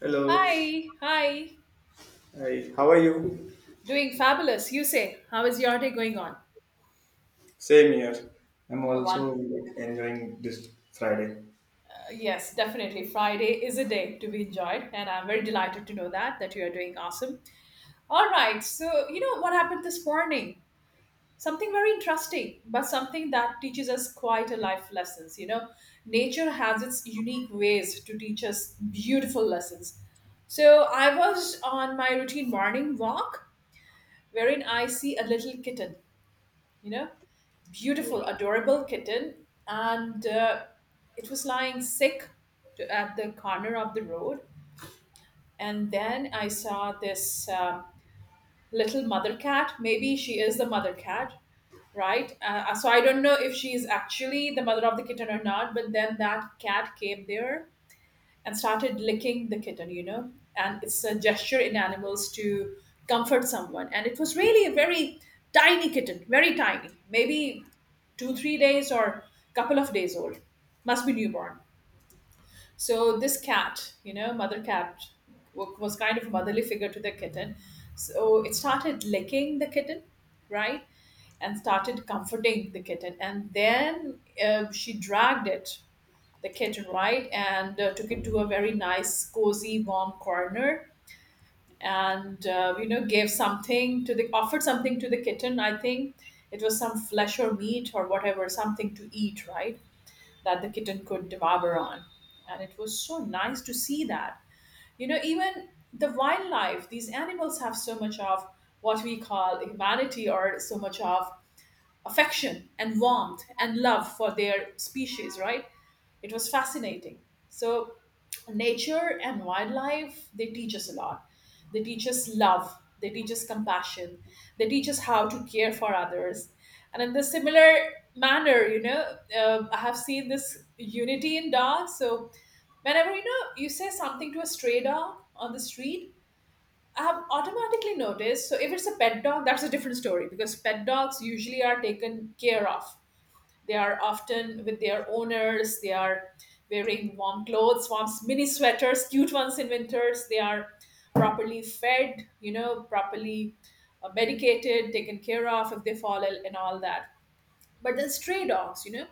Hello. Hi, hi. Hi, how are you? Doing fabulous. You say, how is your day going on? Same here. I'm One. also like, enjoying this Friday. Yes, definitely. Friday is a day to be enjoyed, and I'm very delighted to know that you are doing awesome. All right. So you know what happened this morning? Something very interesting, but something that teaches us quite a life lessons. Nature has its unique ways to teach us beautiful lessons. So I was on my routine morning walk, wherein I see a little kitten. You know, So, beautiful, adorable kitten, and it was lying sick to, at the corner of the road. And then I saw this little mother cat. Maybe she is the mother cat, right? So I don't know if she is actually the mother of the kitten or not. But then that cat came there and started licking the kitten. And it's a gesture in animals to comfort someone. And it was really a very tiny kitten, very tiny, maybe two, 3 days or couple of days old, must be newborn. So this cat, mother cat, was kind of a motherly figure to the kitten. So it started licking the kitten, right? And started comforting the kitten. And then she dragged it the kitten right and took it to a very nice cozy warm corner and gave something to the offered something to the kitten. I think it was some flesh or meat or whatever, something to eat, right, that the kitten could devour on. And it was so nice to see that, you know, even the wildlife, these animals have so much of what we call humanity, or so much of affection and warmth and love for their species, right? It was fascinating. So, nature and wildlife, they teach us a lot. They teach us love, they teach us compassion, they teach us how to care for others. And in the similar manner, I have seen this unity in dogs. So, whenever you say something to a stray dog on the street, I've automatically noticed. So if it's a pet dog, that's a different story because pet dogs usually are taken care of. They are often with their owners. They are wearing warm clothes, warm mini sweaters, cute ones in winters. They are properly fed, you know, properly medicated, taken care of if they fall ill and all that. But then stray dogs, you know,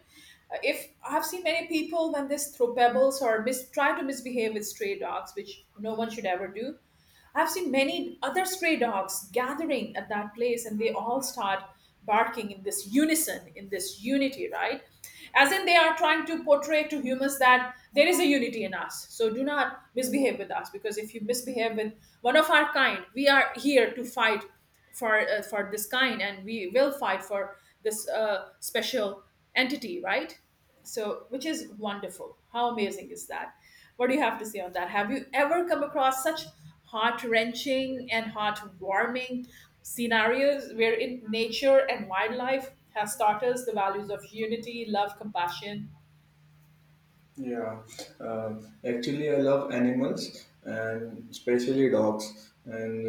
uh, if I've seen many people when they throw pebbles or try to misbehave with stray dogs, which no one should ever do. I've seen many other stray dogs gathering at that place and they all start barking in this unison, in this unity, right? As in, they are trying to portray to humans that there is a unity in us. So do not misbehave with us because if you misbehave with one of our kind, we are here to fight for this kind, and we will fight for this special entity, right? So which is wonderful. How amazing is that? What do you have to say on that? Have you ever come across such heart-wrenching and heart-warming scenarios wherein nature and wildlife has taught us the values of unity, love, compassion? Yeah, uh, actually, I love animals and especially dogs. And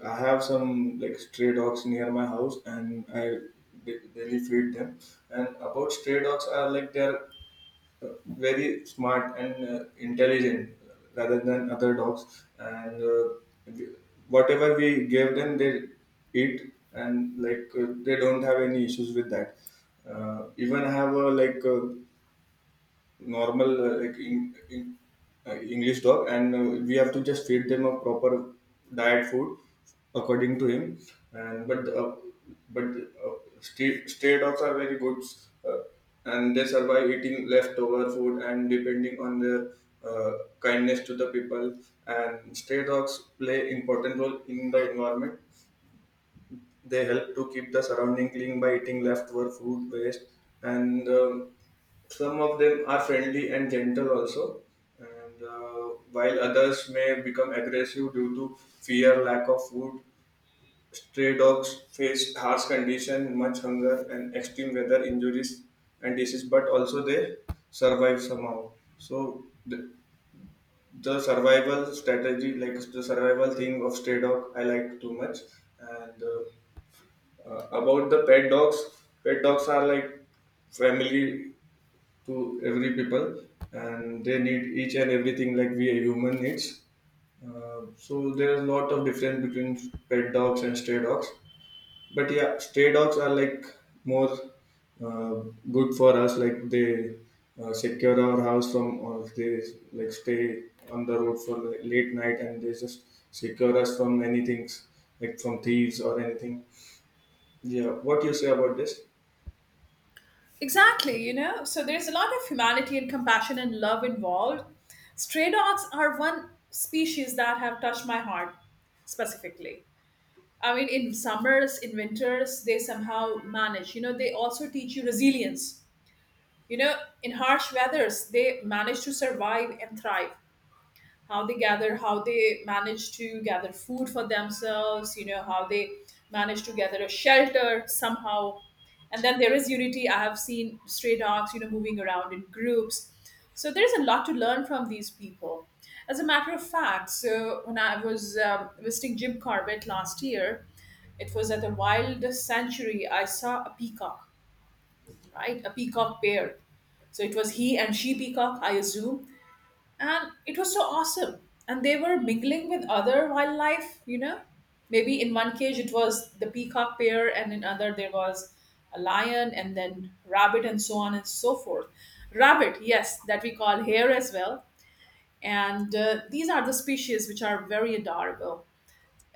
I have some like stray dogs near my house, and I daily feed them. And about stray dogs are like they're uh, very smart and intelligent rather than other dogs and we- whatever we give them they eat and like they don't have any issues with that even I have a like a normal like in English dog, and we have to just feed them a proper diet food according to him. And but stray, stray dogs are very good, uh, and they survive eating leftover food and depending on their kindness to the people. And stray dogs play important role in the environment. They help to keep the surrounding clean by eating leftover food waste and. Some of them are friendly and gentle also, and while others may become aggressive due to fear, lack of food. Stray dogs face harsh condition, much hunger, and extreme weather injuries and disease, but also they survive somehow. So the survival strategy, like the survival thing of stray dog, I like too much. And about the pet dogs are like family to every people and they need each and everything like we a human needs so there is a lot of difference between pet dogs and stray dogs but yeah stray dogs are like more uh, good for us like they secure our house from or they like stay on the road for like, late night and they just secure us from many things like from thieves or anything. Yeah, what you say about this? Exactly, you know, so there's a lot of humanity and compassion and love involved. Stray dogs are one species that have touched my heart specifically. I mean, in summers, in winters, they somehow manage. You know, they also teach you resilience. You know, in harsh weathers, they manage to survive and thrive. How they gather, how they manage to gather food for themselves, you know, how they manage to gather a shelter somehow. And then there is unity. I have seen stray dogs, you know, moving around in groups. So there's a lot to learn from these people. As a matter of fact, so when I was visiting Jim Corbett last year, it was at the wild sanctuary, I saw a peacock, right? A peacock pair. So it was he and she peacock, I assume. And it was so awesome. And they were mingling with other wildlife, you know. Maybe in one cage it was the peacock pair, and in other there was a lion and then rabbit and so on and so forth. Rabbit, yes, that we call hare as well. And these are the species which are very adorable,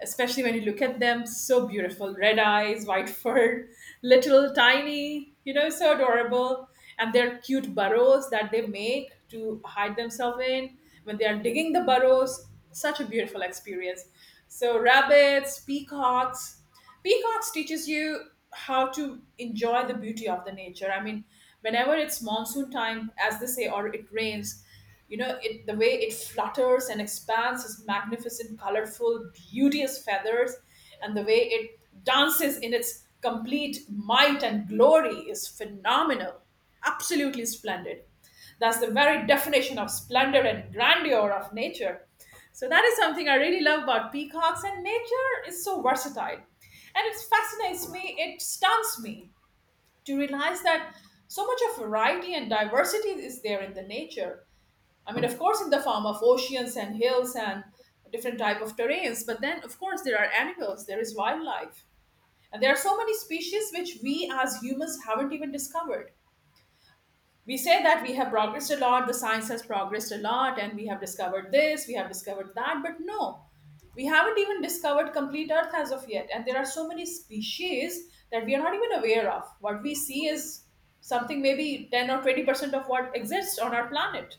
especially when you look at them. So beautiful, red eyes, white fur little tiny, you know, so adorable. And their cute burrows that they make to hide themselves in, when they are digging the burrows, such a beautiful experience. So rabbits, peacocks. Peacocks teaches you how to enjoy the beauty of the nature. I mean, whenever it's monsoon time, as they say, or it rains, you know, it the way it flutters and expands its magnificent, colorful, beauteous feathers, and the way it dances in its complete might and glory is phenomenal, absolutely splendid. That's the very definition of splendor and grandeur of nature. So that is something I really love about peacocks, and nature is so versatile. And it fascinates me, it stuns me to realize that so much of variety and diversity is there in the nature. I mean, of course, in the form of oceans and hills and different type of terrains, but then of course there are animals, there is wildlife, and there are so many species which we as humans haven't even discovered. We say that we have progressed a lot, the science has progressed a lot, and we have discovered this, we have discovered that, but no, we haven't even discovered complete Earth as of yet. And there are so many species that we are not even aware of. What we see is something maybe 10 or 20% of what exists on our planet.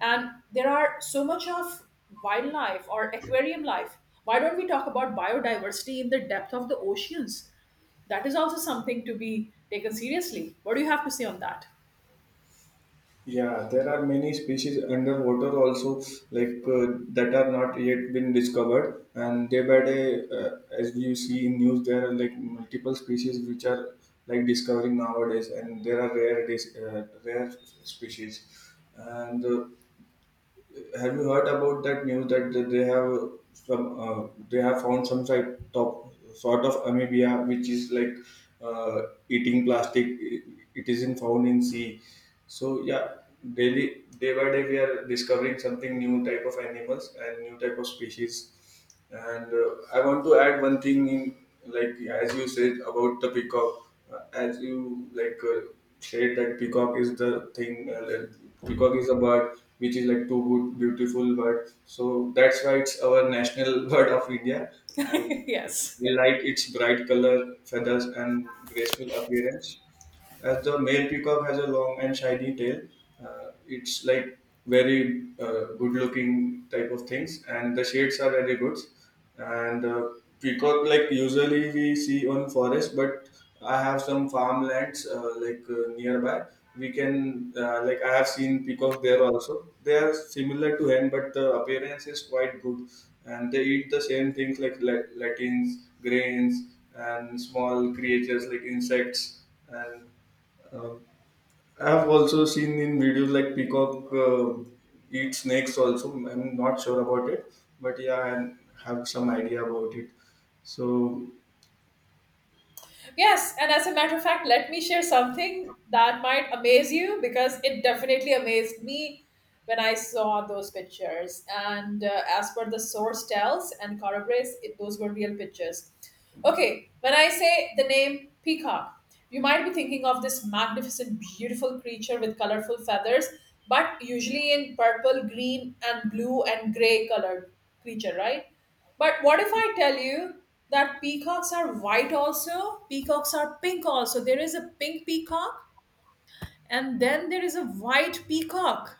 And there are so much of wildlife or aquarium life. Why don't we talk about biodiversity in the depth of the oceans? That is also something to be taken seriously. What do you have to say on that? Yeah, there are many species underwater also, like that are not yet been discovered. And day by day, as you see in news, there are like multiple species which are like discovering nowadays, and there are rare species. And have you heard about that news that they have some they have found some site top sort of amebia which is like uh, eating plastic. It isn't found in sea. So yeah, daily day by day we are discovering something new type of animals and new type of species. And I want to add one thing in, like as you said about the peacock, as you said that peacock is the thing. Like, peacock is a bird which is like too good, beautiful bird. So that's why it's our national bird of India, and Yes. we like its bright color, feathers, and graceful appearance. As the male peacock has a long and shiny tail, it's like very good-looking type of things, and the shades are very good. And peacock, like usually we see on forest, but I have some farmlands nearby. We can like I have seen peacock there also. They are similar to hen, but the appearance is quite good, and they eat the same things like latins, grains, and small creatures like insects and uh, I have also seen in videos like peacock eat snakes. Also, I'm not sure about it, but yeah, I have some idea about it. So, Yes, and as a matter of fact, let me share something that might amaze you because it definitely amazed me when I saw those pictures. And as per the source tells and corroborates, it, those were real pictures. Okay, when I say the name peacock, you might be thinking of this magnificent, beautiful creature with colorful feathers, but usually in purple, green, and blue and gray colored creature, right? But what if I tell you that peacocks are white also? Peacocks are pink also. There is a pink peacock and then there is a white peacock.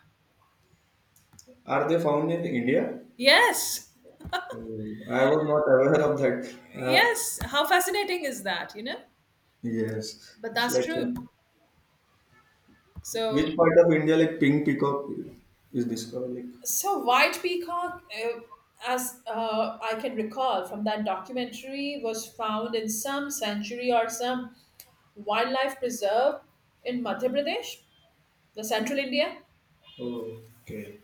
are they found in India? Yes. I was not aware of that. Yes. How fascinating is that, you know? Yes, But that's true. So, which part of India like pink peacock is discovered? Like, so white peacock, as I can recall from that documentary, was found in some sanctuary or some wildlife preserve in Madhya Pradesh, the central India. oh, okay,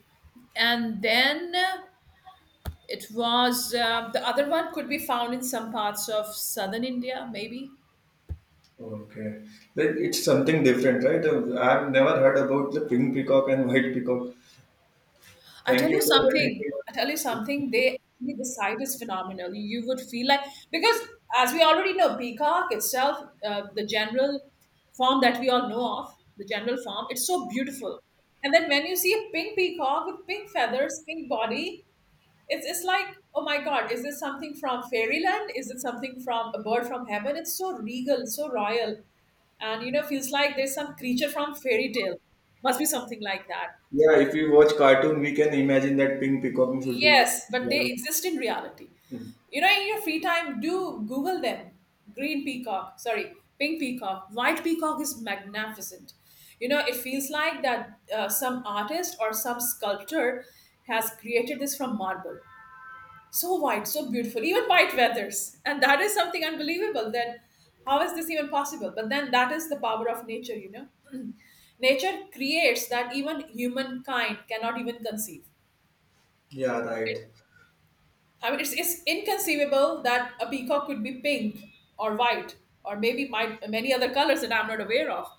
And then it was the other one could be found in some parts of southern India, maybe. okay, like it's something different, right? I've never heard about the pink peacock and white peacock. I tell Thank you you for letting something. I tell you something. me. They actually, the site is phenomenal. You would feel like because as we already know, peacock itself, the general form that we all know of, the general form, it's so beautiful. And then when you see a pink peacock with pink feathers, pink body, it's like, oh my God, is this something from fairyland? Is it something from a bird from heaven? It's so regal, so royal. And, you know, feels like there's some creature from fairy tale. Must be something like that. Yeah, if we watch cartoon, we can imagine that pink peacocking should be. Yes, but they Yeah, exist in reality. You know, in your free time, do Google them. Green peacock, sorry, pink peacock. White peacock is magnificent. You know, it feels like that some artist or some sculptor has created this from marble. So white, so beautiful, even white feathers. And that is something unbelievable that how is this even possible? But then that is the power of nature, you know. Nature creates that even humankind cannot even conceive. yeah, right. I mean, it's inconceivable that a peacock could be pink or white or many other colors that I'm not aware of.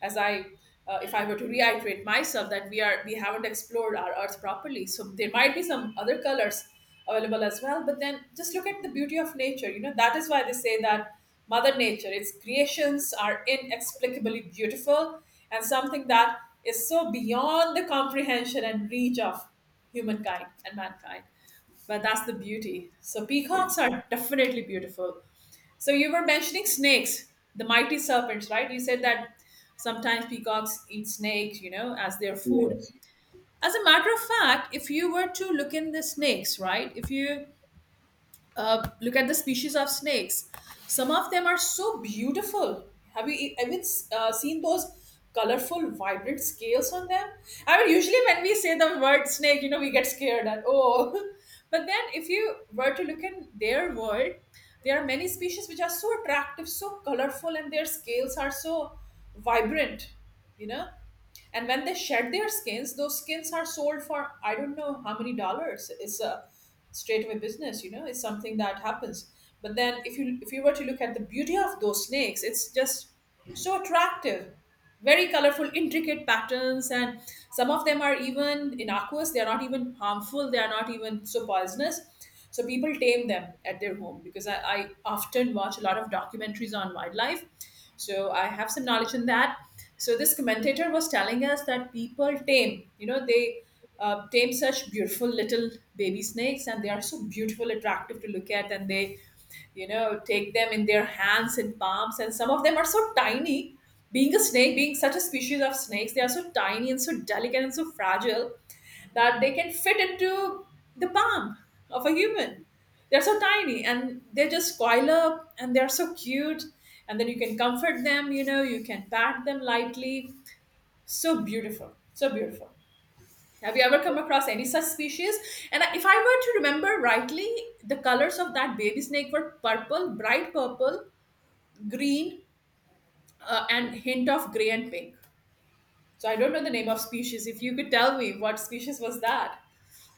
As I, if I were to reiterate myself, that we haven't explored our Earth properly, so there might be some other colors available as well. But then just look at the beauty of nature. You know that is why they say that Mother Nature, its creations are inexplicably beautiful and something that is so beyond the comprehension and reach of humankind and mankind. But that's the beauty. So peacocks are definitely beautiful. So you were mentioning snakes, the mighty serpents, right? You said that sometimes peacocks eat snakes, you know, as their food. Yes. As a matter of fact, if you were to look in the snakes, right? If you look at the species of snakes. Some of them are so beautiful. Have you ever seen those colorful, vibrant scales on them? I mean, usually when we say the word snake, you know, we get scared and oh. But then, if you were to look in their world, there are many species which are so attractive, so colorful, and their scales are so vibrant. You know, and when they shed their skins, those skins are sold for I don't know how many dollars. It's a straightaway business, you know. It's something that happens. But then, if you were to look at the beauty of those snakes, it's just so attractive, very colorful, intricate patterns, and some of them are even innocuous. They are not even harmful, they are not even so poisonous, so people tame them at their home. Because I often watch a lot of documentaries on wildlife. So I have some knowledge in that. So this commentator was telling us that people tame, you know, they tame such beautiful little baby snakes, and they are so beautiful, attractive to look at, and they, you know, take them in their hands and palms. And some of them are so tiny. Being a snake, being such a species of snakes, they are so tiny and so delicate and so fragile that they can fit into the palm of a human. They're so tiny and they just coil up and they're so cute. And then you can comfort them, you know, you can pat them lightly. So beautiful, so beautiful. Have you ever come across any such species? And if I were to remember rightly, the colors of that baby snake were purple, bright purple, green, and hint of gray and pink. So I don't know the name of species. If you could tell me what species was that,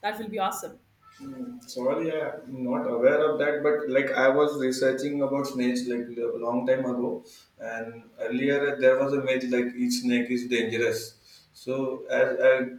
that will be awesome. Sorry, I'm not aware of that, but like I was researching about snakes like a long time ago, and earlier there was a myth like each snake is dangerous. So as I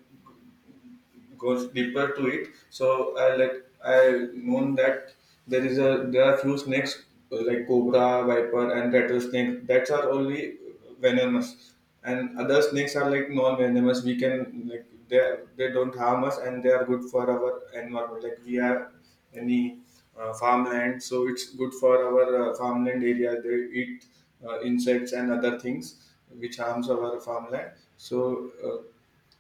goes deeper to it. So I like I known that there is a there are few snakes like cobra, viper, and rattlesnake that are only venomous, and other snakes are like non-venomous. We can like they don't harm us and they are good for our environment. Like we have any farmland, so it's good for our farmland area. They eat insects and other things which harms our farmland. So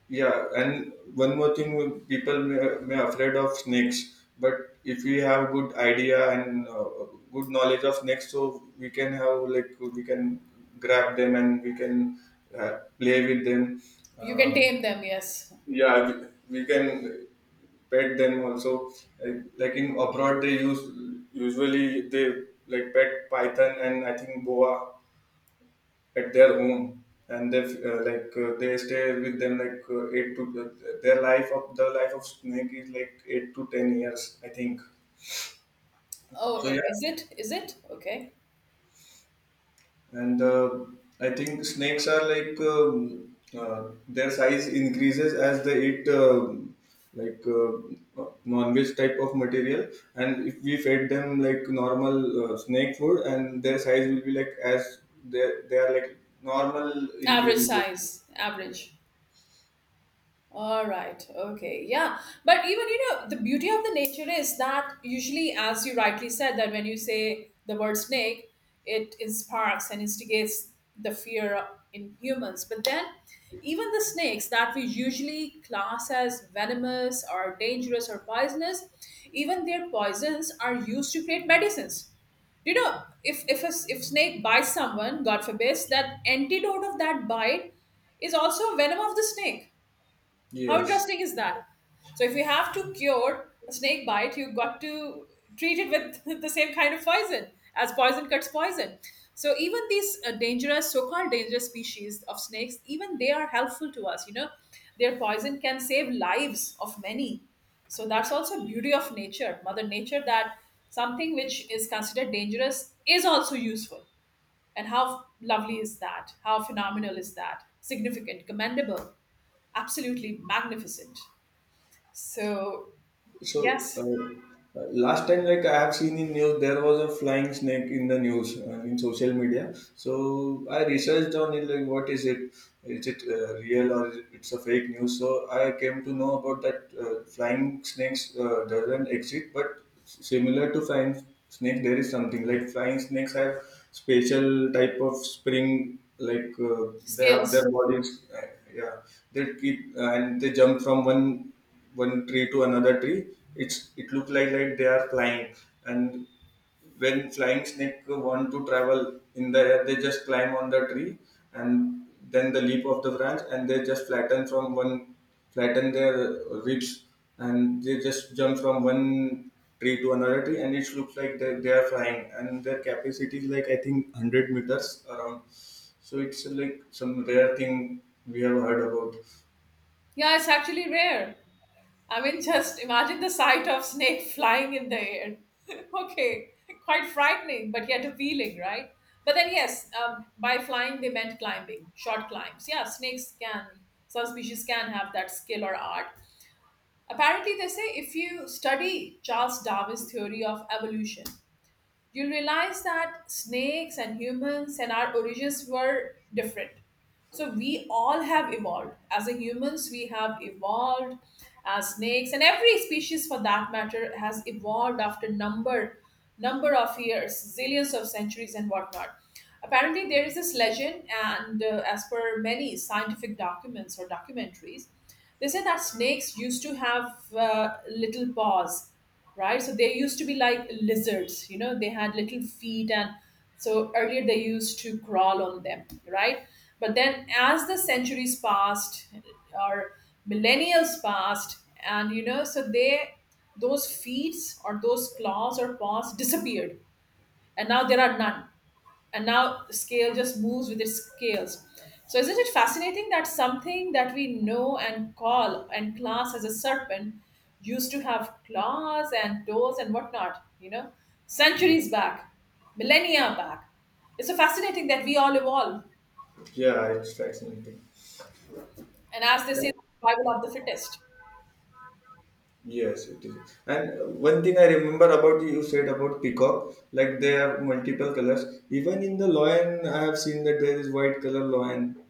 yeah, and one more thing, people may afraid of snakes, but if we have good idea and good knowledge of snakes, so we can have like we can grab them and we can play with them. You can Um, tame them, yes. yeah, we can pet them also. Like in abroad, they use usually they like pet python and I think boa at their home and they they stay with them like 8 to the life of snake is like 8 to 10 years I think. Oh, So yeah, is it? Is it? Okay. and I think snakes are like uh, their size increases as they eat like uh, non-veg type of material and if we fed them like normal snake food and their size will be like as they are like normal Average increasing. size, Yeah. average. All right. Okay. Yeah. But even, you know, the beauty of the nature is that usually, as you rightly said, that when you say the word snake, it sparks and instigates the fear in humans. But then, even the snakes that we usually class as venomous or dangerous or poisonous, even their poisons are used to create medicines. You know, if a s- if snake bites someone, God forbid, that antidote of that bite is also venom of the snake. How Yes. interesting is that? So if you have to cure a snake bite, you got to treat it with the same kind of poison, as poison cuts poison. So even these dangerous, so-called dangerous species of snakes, even they are helpful to us. You know, their poison can save lives of many. So that's also beauty of nature, Mother Nature, that something which is considered dangerous is also useful. And how lovely is that? How phenomenal is that? Significant, commendable, absolutely magnificent. So, So yes, last time, like I have seen in news, there was a flying snake in the news in social media. So I researched on it, like what is it? Is it real or it's a fake news? So I came to know about that flying snakes doesn't exist, but similar to flying snake, there is something like flying snakes have special type of spring. Like they have scales. their bodies, yeah. They keep and they jump from one tree to another tree. It's it looked like they are flying. And when flying snake want to travel in the air they just climb on the tree and then the leap of the branch and they just flatten from one flatten their ribs and they just jump from one tree to another tree and it looks like they are flying and their capacity is like I think 100 meters around. So it's like some rare thing we have heard about. Yeah, it's actually rare. I mean, just imagine the sight of snake flying in the air. Okay, quite frightening, but yet appealing, right? But then, yes, by flying they meant climbing, short climbs. Yeah, snakes can, some species can have that skill or art. Apparently, they say if you study Charles Darwin's theory of evolution, you'll realize that snakes and humans and our origins were different. So we all have evolved. As a humans, we have evolved. As snakes and every species for that matter has evolved after number of years, zillions of centuries and whatnot. Apparently, there is this legend, and as per many scientific documents or documentaries, they say that snakes used to have little paws, right? So they used to be like lizards, you know, they had little feet, and so earlier they used to crawl on them, right? But then as the centuries passed or millennials passed, and you know, so they, those feet or those claws or paws disappeared, and now there are none, and now scale just moves with its scales. So isn't it fascinating that something that we know and call and class as a serpent used to have claws and toes and whatnot, you know, Yeah. centuries back, millennia back. It's so fascinating that we all evolve, Yeah, it's fascinating. and as they say, survival of the fittest. Yes, it is. And one thing I remember about you said about peacock, like they have multiple colors. Even in the lion, I have seen that there is white color lion.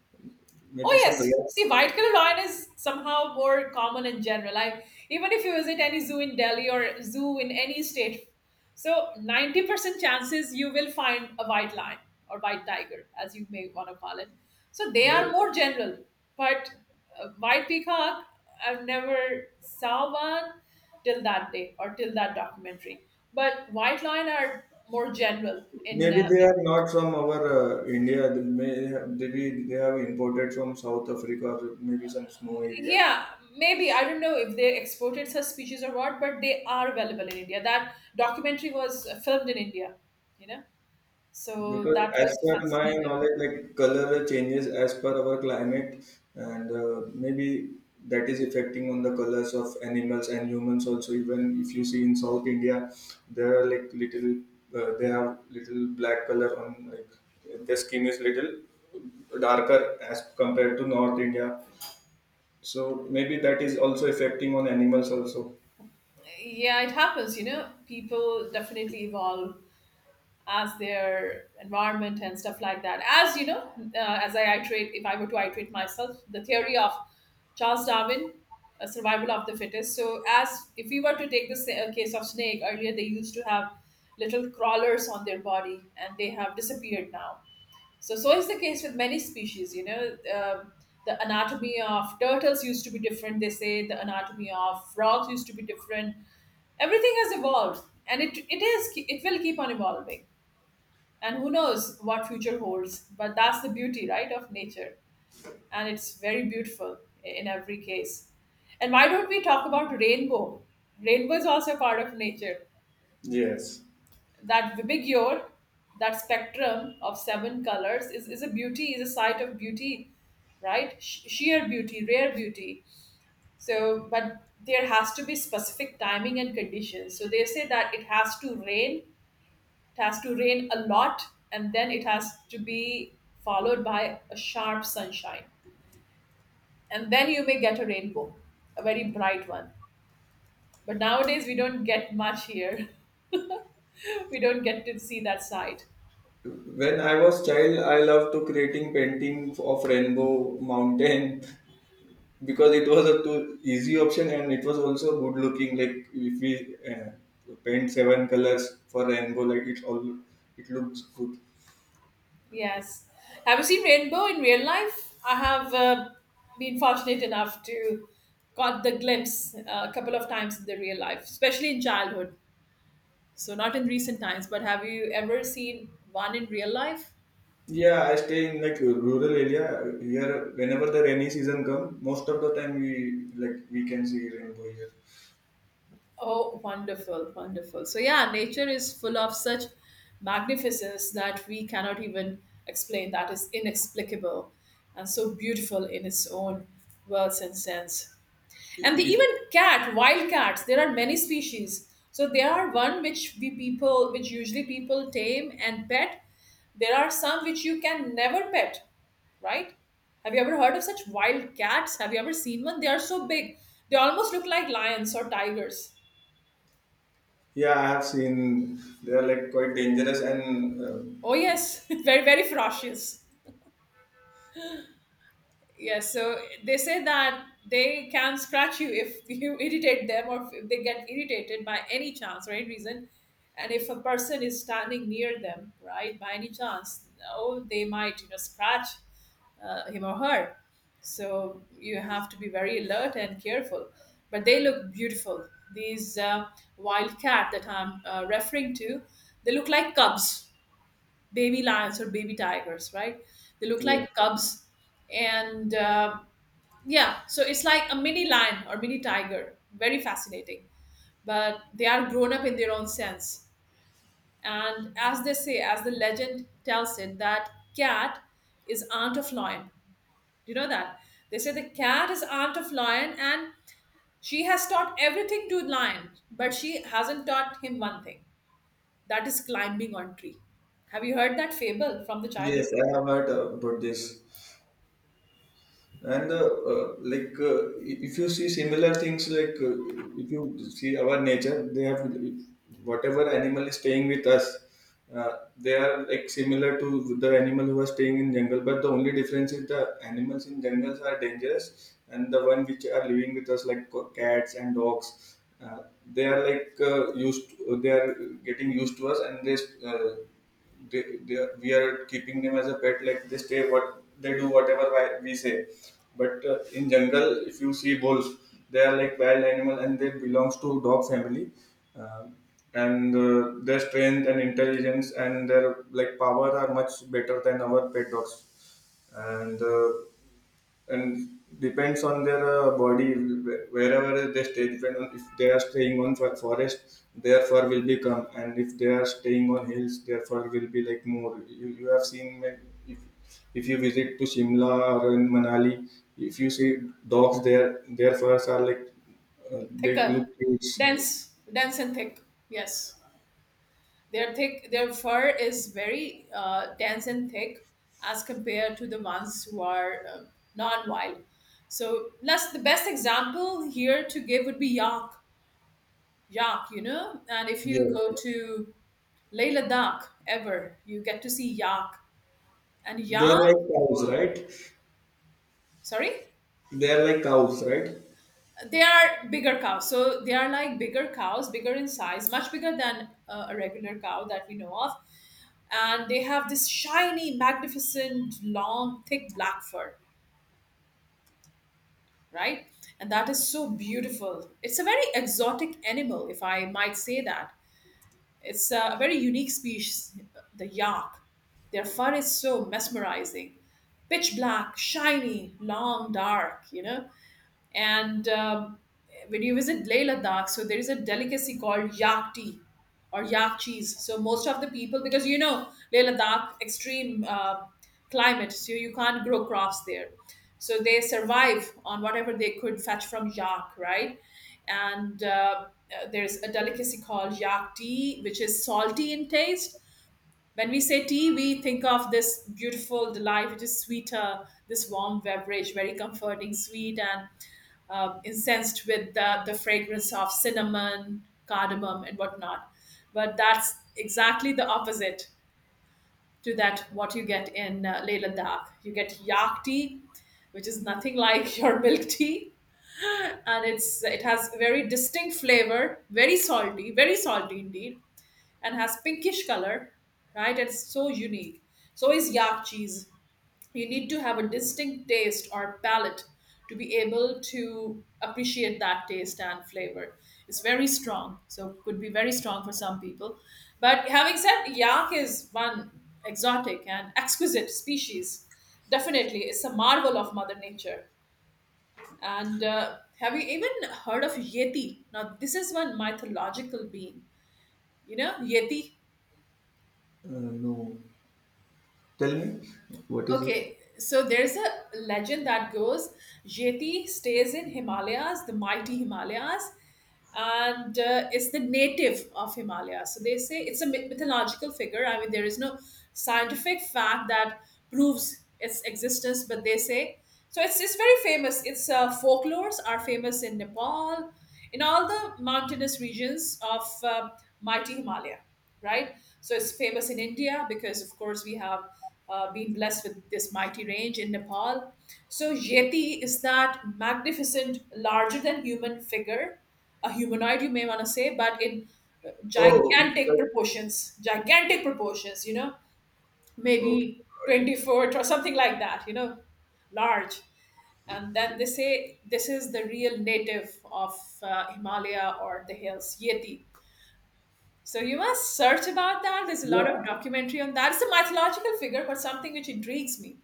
Maybe Oh some yes. rare. See, white colored lion is somehow more common in general. I, even if you visit any zoo in Delhi or zoo in any state, so 90% chances you will find a white lion or white tiger, as you may want to call it. So they are may- more general, but white peacock I've never saw one till that day or till that documentary. But white lion are more general in Maybe they are not from our India. Maybe they have imported from South Africa or maybe some snow area. yeah. Maybe I don't know if they exported such species or what, but they are available in India. That documentary was filmed in India, you know. So Because that as was per my fascinating. knowledge, like color changes as per our climate, and maybe that is affecting on the colors of animals and humans also. Even if you see in South India, there are like little, they have little black color on like their skin is little darker as compared to North India. So maybe that is also affecting on animals also. Yeah, it happens, you know, people definitely evolve as their environment and stuff like that, as you know, as I iterate, if I were to iterate myself the theory of Charles Darwin, Survival of the Fittest. So, as if we were to take this case of snake, earlier they used to have little crawlers on their body, and they have disappeared now. So, so is the case with many species. You know, the anatomy of turtles used to be different. They say the anatomy of frogs used to be different. Everything has evolved, and it will keep on evolving. And who knows what future holds? But that's the beauty, right, of nature, and it's very beautiful in every case. And why don't we talk about rainbow? Rainbow is also a part of nature. Yes. That Vibhigyore, that spectrum of seven colors, is a beauty, is a sight of beauty, right? Sheer beauty, rare beauty. So, but there has to be specific timing and conditions. So they say that it has to rain, it has to rain a lot, and then it has to be followed by a sharp sunshine. And then you may get a rainbow, a very bright one. But nowadays, we don't get much here. We don't get to see that side. When I was child, I loved to creating painting of rainbow mountain because it was a too easy option and it was also good looking like if we paint seven colors for rainbow like it all it looks good. Yes. Have you seen rainbow in real life? I have been fortunate enough to caught the glimpse a couple of times in the real life, especially in childhood. So not in recent times, but have you ever seen one in real life? Yeah I stay in like a rural area here. Whenever the rainy season come most of the time we like we can see rainbow here. Oh, wonderful, wonderful. So, yeah, nature is full of such magnificence that we cannot even explain, that is inexplicable and so beautiful in its own words and sense. And the It- even cat, wild cats, there are many species. So, there are one which we people, which usually people tame and pet. There are some which you can never pet, right? Have you ever heard of such wild cats? Have you ever seen one? They are so big. They almost look like lions or tigers. yeah I have seen they are like quite dangerous and um, Oh yes, very very ferocious. Yes, so they say that they can scratch you if you irritate them or if they get irritated by any chance or any reason, and if a person is standing near them, right, by any chance, oh, they might, you know, scratch him or her. So you have to be very alert and careful. But they look beautiful. These wild cat that I'm referring to, they look like cubs, baby lions or baby tigers, right? They look yeah. like cubs, and yeah, so it's like a mini lion or mini tiger. Very fascinating, but they are grown up in their own sense. And as they say, as the legend tells it, that cat is aunt of lion. Do you know that? They say the cat is aunt of lion, and she has taught everything to lion, but she hasn't taught him one thing. That is climbing on tree. Have you heard that fable from the Yes childhood? I have heard about this. And uh, uh, like, uh, if you see similar things, like if you see our nature, they have whatever animal is staying with us, they are like similar to the animal who are staying in jungle. But the only difference is the animals in jungles are dangerous, and the one which are living with us, like cats and dogs, they are like used. They are getting used to us, and they uh, they are, we are keeping them as a pet like they stay what they do whatever we say. But in jungle if you see wolves they are like wild animal and they belongs to dog family. Um and their strength and intelligence and their like power are much better than our pet dogs. And and depends on their body wherever they stay depend on if they are staying on for forest their fur will become and if they are staying on hills their fur will be like more. You have seen if, if you visit to shimla or in manali if you see dogs there, their furs are like they Thicker, look yes, yeah, dense and thick. Yes, their thick, their fur is very dense and thick as compared to the ones who are non-wild. So, plus the best example here to give would be yak, yak. You know, and if you go yeah. to Leh Ladakh ever, you get to see yak and They yak. are like cows, right? Sorry. They are like cows, right? They are bigger cows, so they are like bigger cows, bigger in size, much bigger than a regular cow that we know of, and they have this shiny, magnificent, long, thick black fur, right? And that is so beautiful. It's a very exotic animal, if I might say that. It's a very unique species, the yak. Their fur is so mesmerizing, pitch black, shiny, long, dark, you know. And when you visit Leh Ladakh, so there is a delicacy called yak tea or yak cheese. So most of the people, because you know Leh Ladakh extreme climate, so you can't grow crops there. So they survive on whatever they could fetch from yak, right? And there's a delicacy called yak tea, which is salty in taste when we say tea, we think of this beautiful delight, which is sweeter, this warm beverage, very comforting, sweet, and incensed with the fragrance of cinnamon, cardamom, and whatnot. But that's exactly the opposite to that what you get in Leyland Dak. You get yak tea, which is nothing like your milk tea, and it has very distinct flavor, very salty indeed, and has pinkish color, right? It's so unique. So is yak cheese. You need to have a distinct taste or palate to be able to appreciate that taste and flavor. It's very strong, so could be very strong for some people. But having said, yak is one exotic and exquisite species. Definitely, it's a marvel of Mother Nature. And have you even heard of Yeti? Now, this is one mythological being. You know, Yeti? Uh, no, tell me what is it. Okay, so there's a legend that goes Yeti stays in Himalayas, the mighty Himalayas, and it's the native of Himalayas. So they say it's a mythological figure. I mean, there is no scientific fact that proves its existence, but they say so. It's very famous. Its folklores are famous in Nepal, in all the mountainous regions of mighty Himalaya, right? So it's famous in India because, of course, we have been blessed with this mighty range in Nepal. So Yeti is that magnificent, larger than human figure, a humanoid, you may want to say, but in Oh, it's like gigantic proportions, you know, okay, maybe got 20 it. foot or something like that, you know, large. And then they say this is the real native of Himalaya or the hills, Yeti, so you must search about that. There's a lot of Yeah. documentary on that. It's a mythological figure, but something which intrigues me.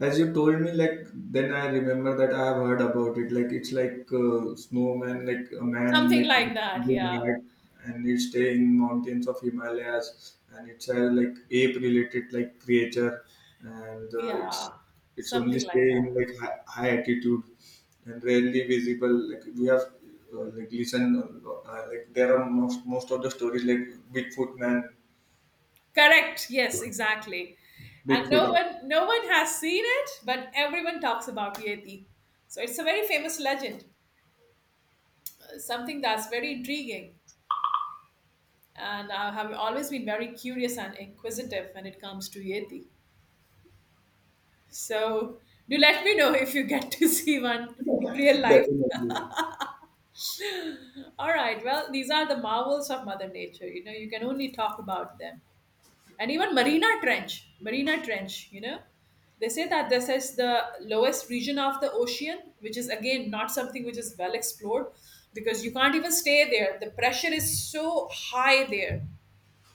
As you told me, like then I remember that I have heard about it. Like it's like snowman, like a man, Something like like with that. good Yeah. hat, and it stay in mountains of Himalayas, and it's a like ape-related like creature, and Yeah. it's only Something like stay in that. like high, high altitude and rarely visible. Like we have like listen, like there are most of the stories like Bigfoot man, Correct. Yes, exactly. And Bigfoot, no one has seen it, but everyone talks about Yeti. So it's a very famous legend. Something that's very intriguing. And I have always been very curious and inquisitive when it comes to Yeti. So do let me know if you get to see one in real life. definitely. All right. Well, these are the marvels of Mother Nature. You know, you can only talk about them. And even Marina Trench, Marina Trench, you know, they say that this is the lowest region of the ocean, which is again not something which is well explored because you can't even stay there. The pressure is so high there.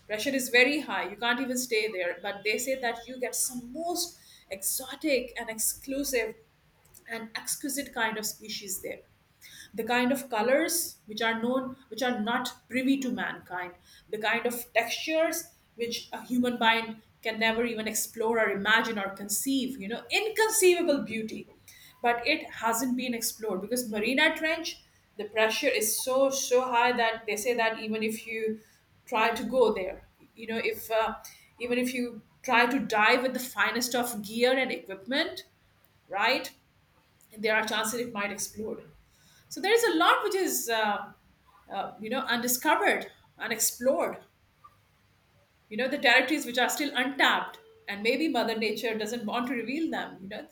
Pressure is very high. You can't even stay there. But they say that you get some most exotic and exclusive, an exquisite kind of species there, the kind of colors which are known, which are not privy to mankind, the kind of textures which a human mind can never even explore or imagine or conceive, you know, inconceivable beauty, but it hasn't been explored because Marina Trench, the pressure is so so high that they say that even if you try to go there, you know, if even if you try to dive with the finest of gear and equipment, right, there are chances it might explode. So there is a lot which is, you know, undiscovered, unexplored. You know, the territories which are still untapped, and maybe Mother Nature doesn't want to reveal them. You know,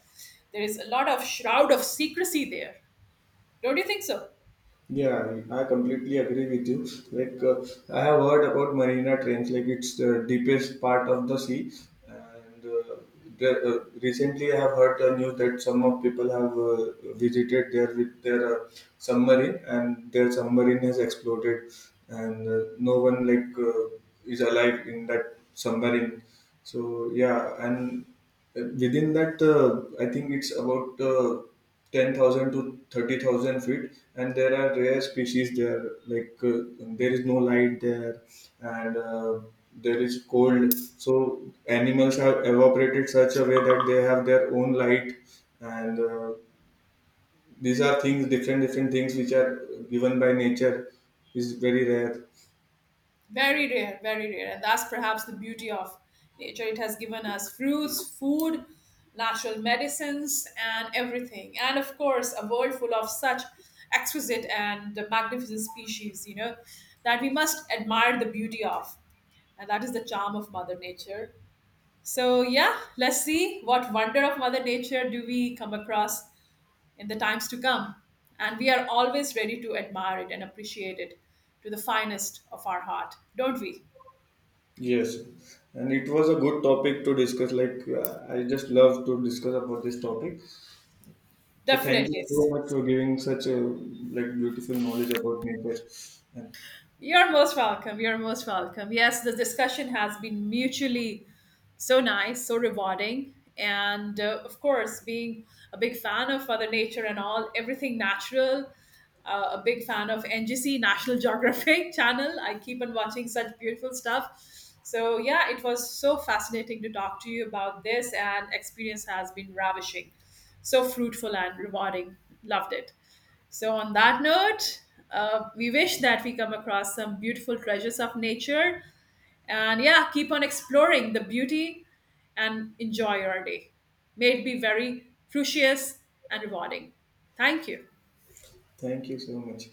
there is a lot of shroud of secrecy there. Don't you think so? Yeah, I completely agree with you. Like I have heard about Marina Trench, like it's the deepest part of the sea. And recently, I have heard the news that some of people have visited there with their submarine, and their submarine has exploded, and no one like is alive in that submarine. So yeah, and within that, I think it's about. 10,000 to 30,000 feet, and there are rare species there. Like there is no light there, and there is cold. So animals have evaporated such a way that they have their own light, and these are things, different different things which are given by nature, is very rare. Very rare, very rare. And that's perhaps the beauty of nature. It has given us fruits, food, natural medicines, and everything. And of course, a world full of such exquisite and magnificent species, you know, that we must admire the beauty of. And that is the charm of Mother Nature. So, yeah, let's see what wonder of Mother Nature do we come across in the times to come. And we are always ready to admire it and appreciate it to the finest of our heart, don't we? Yes, and it was a good topic to discuss. Like I just love to discuss about this topic. So thank Definitely. you so much for giving such a like beautiful knowledge about nature, and You're most welcome. You're most welcome. Yes, the discussion has been mutually so nice, so rewarding. And of course, being a big fan of Mother Nature and all, everything natural, a big fan of NGC, National Geographic Channel. I keep on watching such beautiful stuff. So, yeah, it was so fascinating to talk to you about this, and experience has been ravishing, so fruitful and rewarding. Loved it. So, on that note, we wish that we come across some beautiful treasures of nature. And yeah, keep on exploring the beauty and enjoy your day. May it be very fruitious and rewarding. Thank you. thank you so much.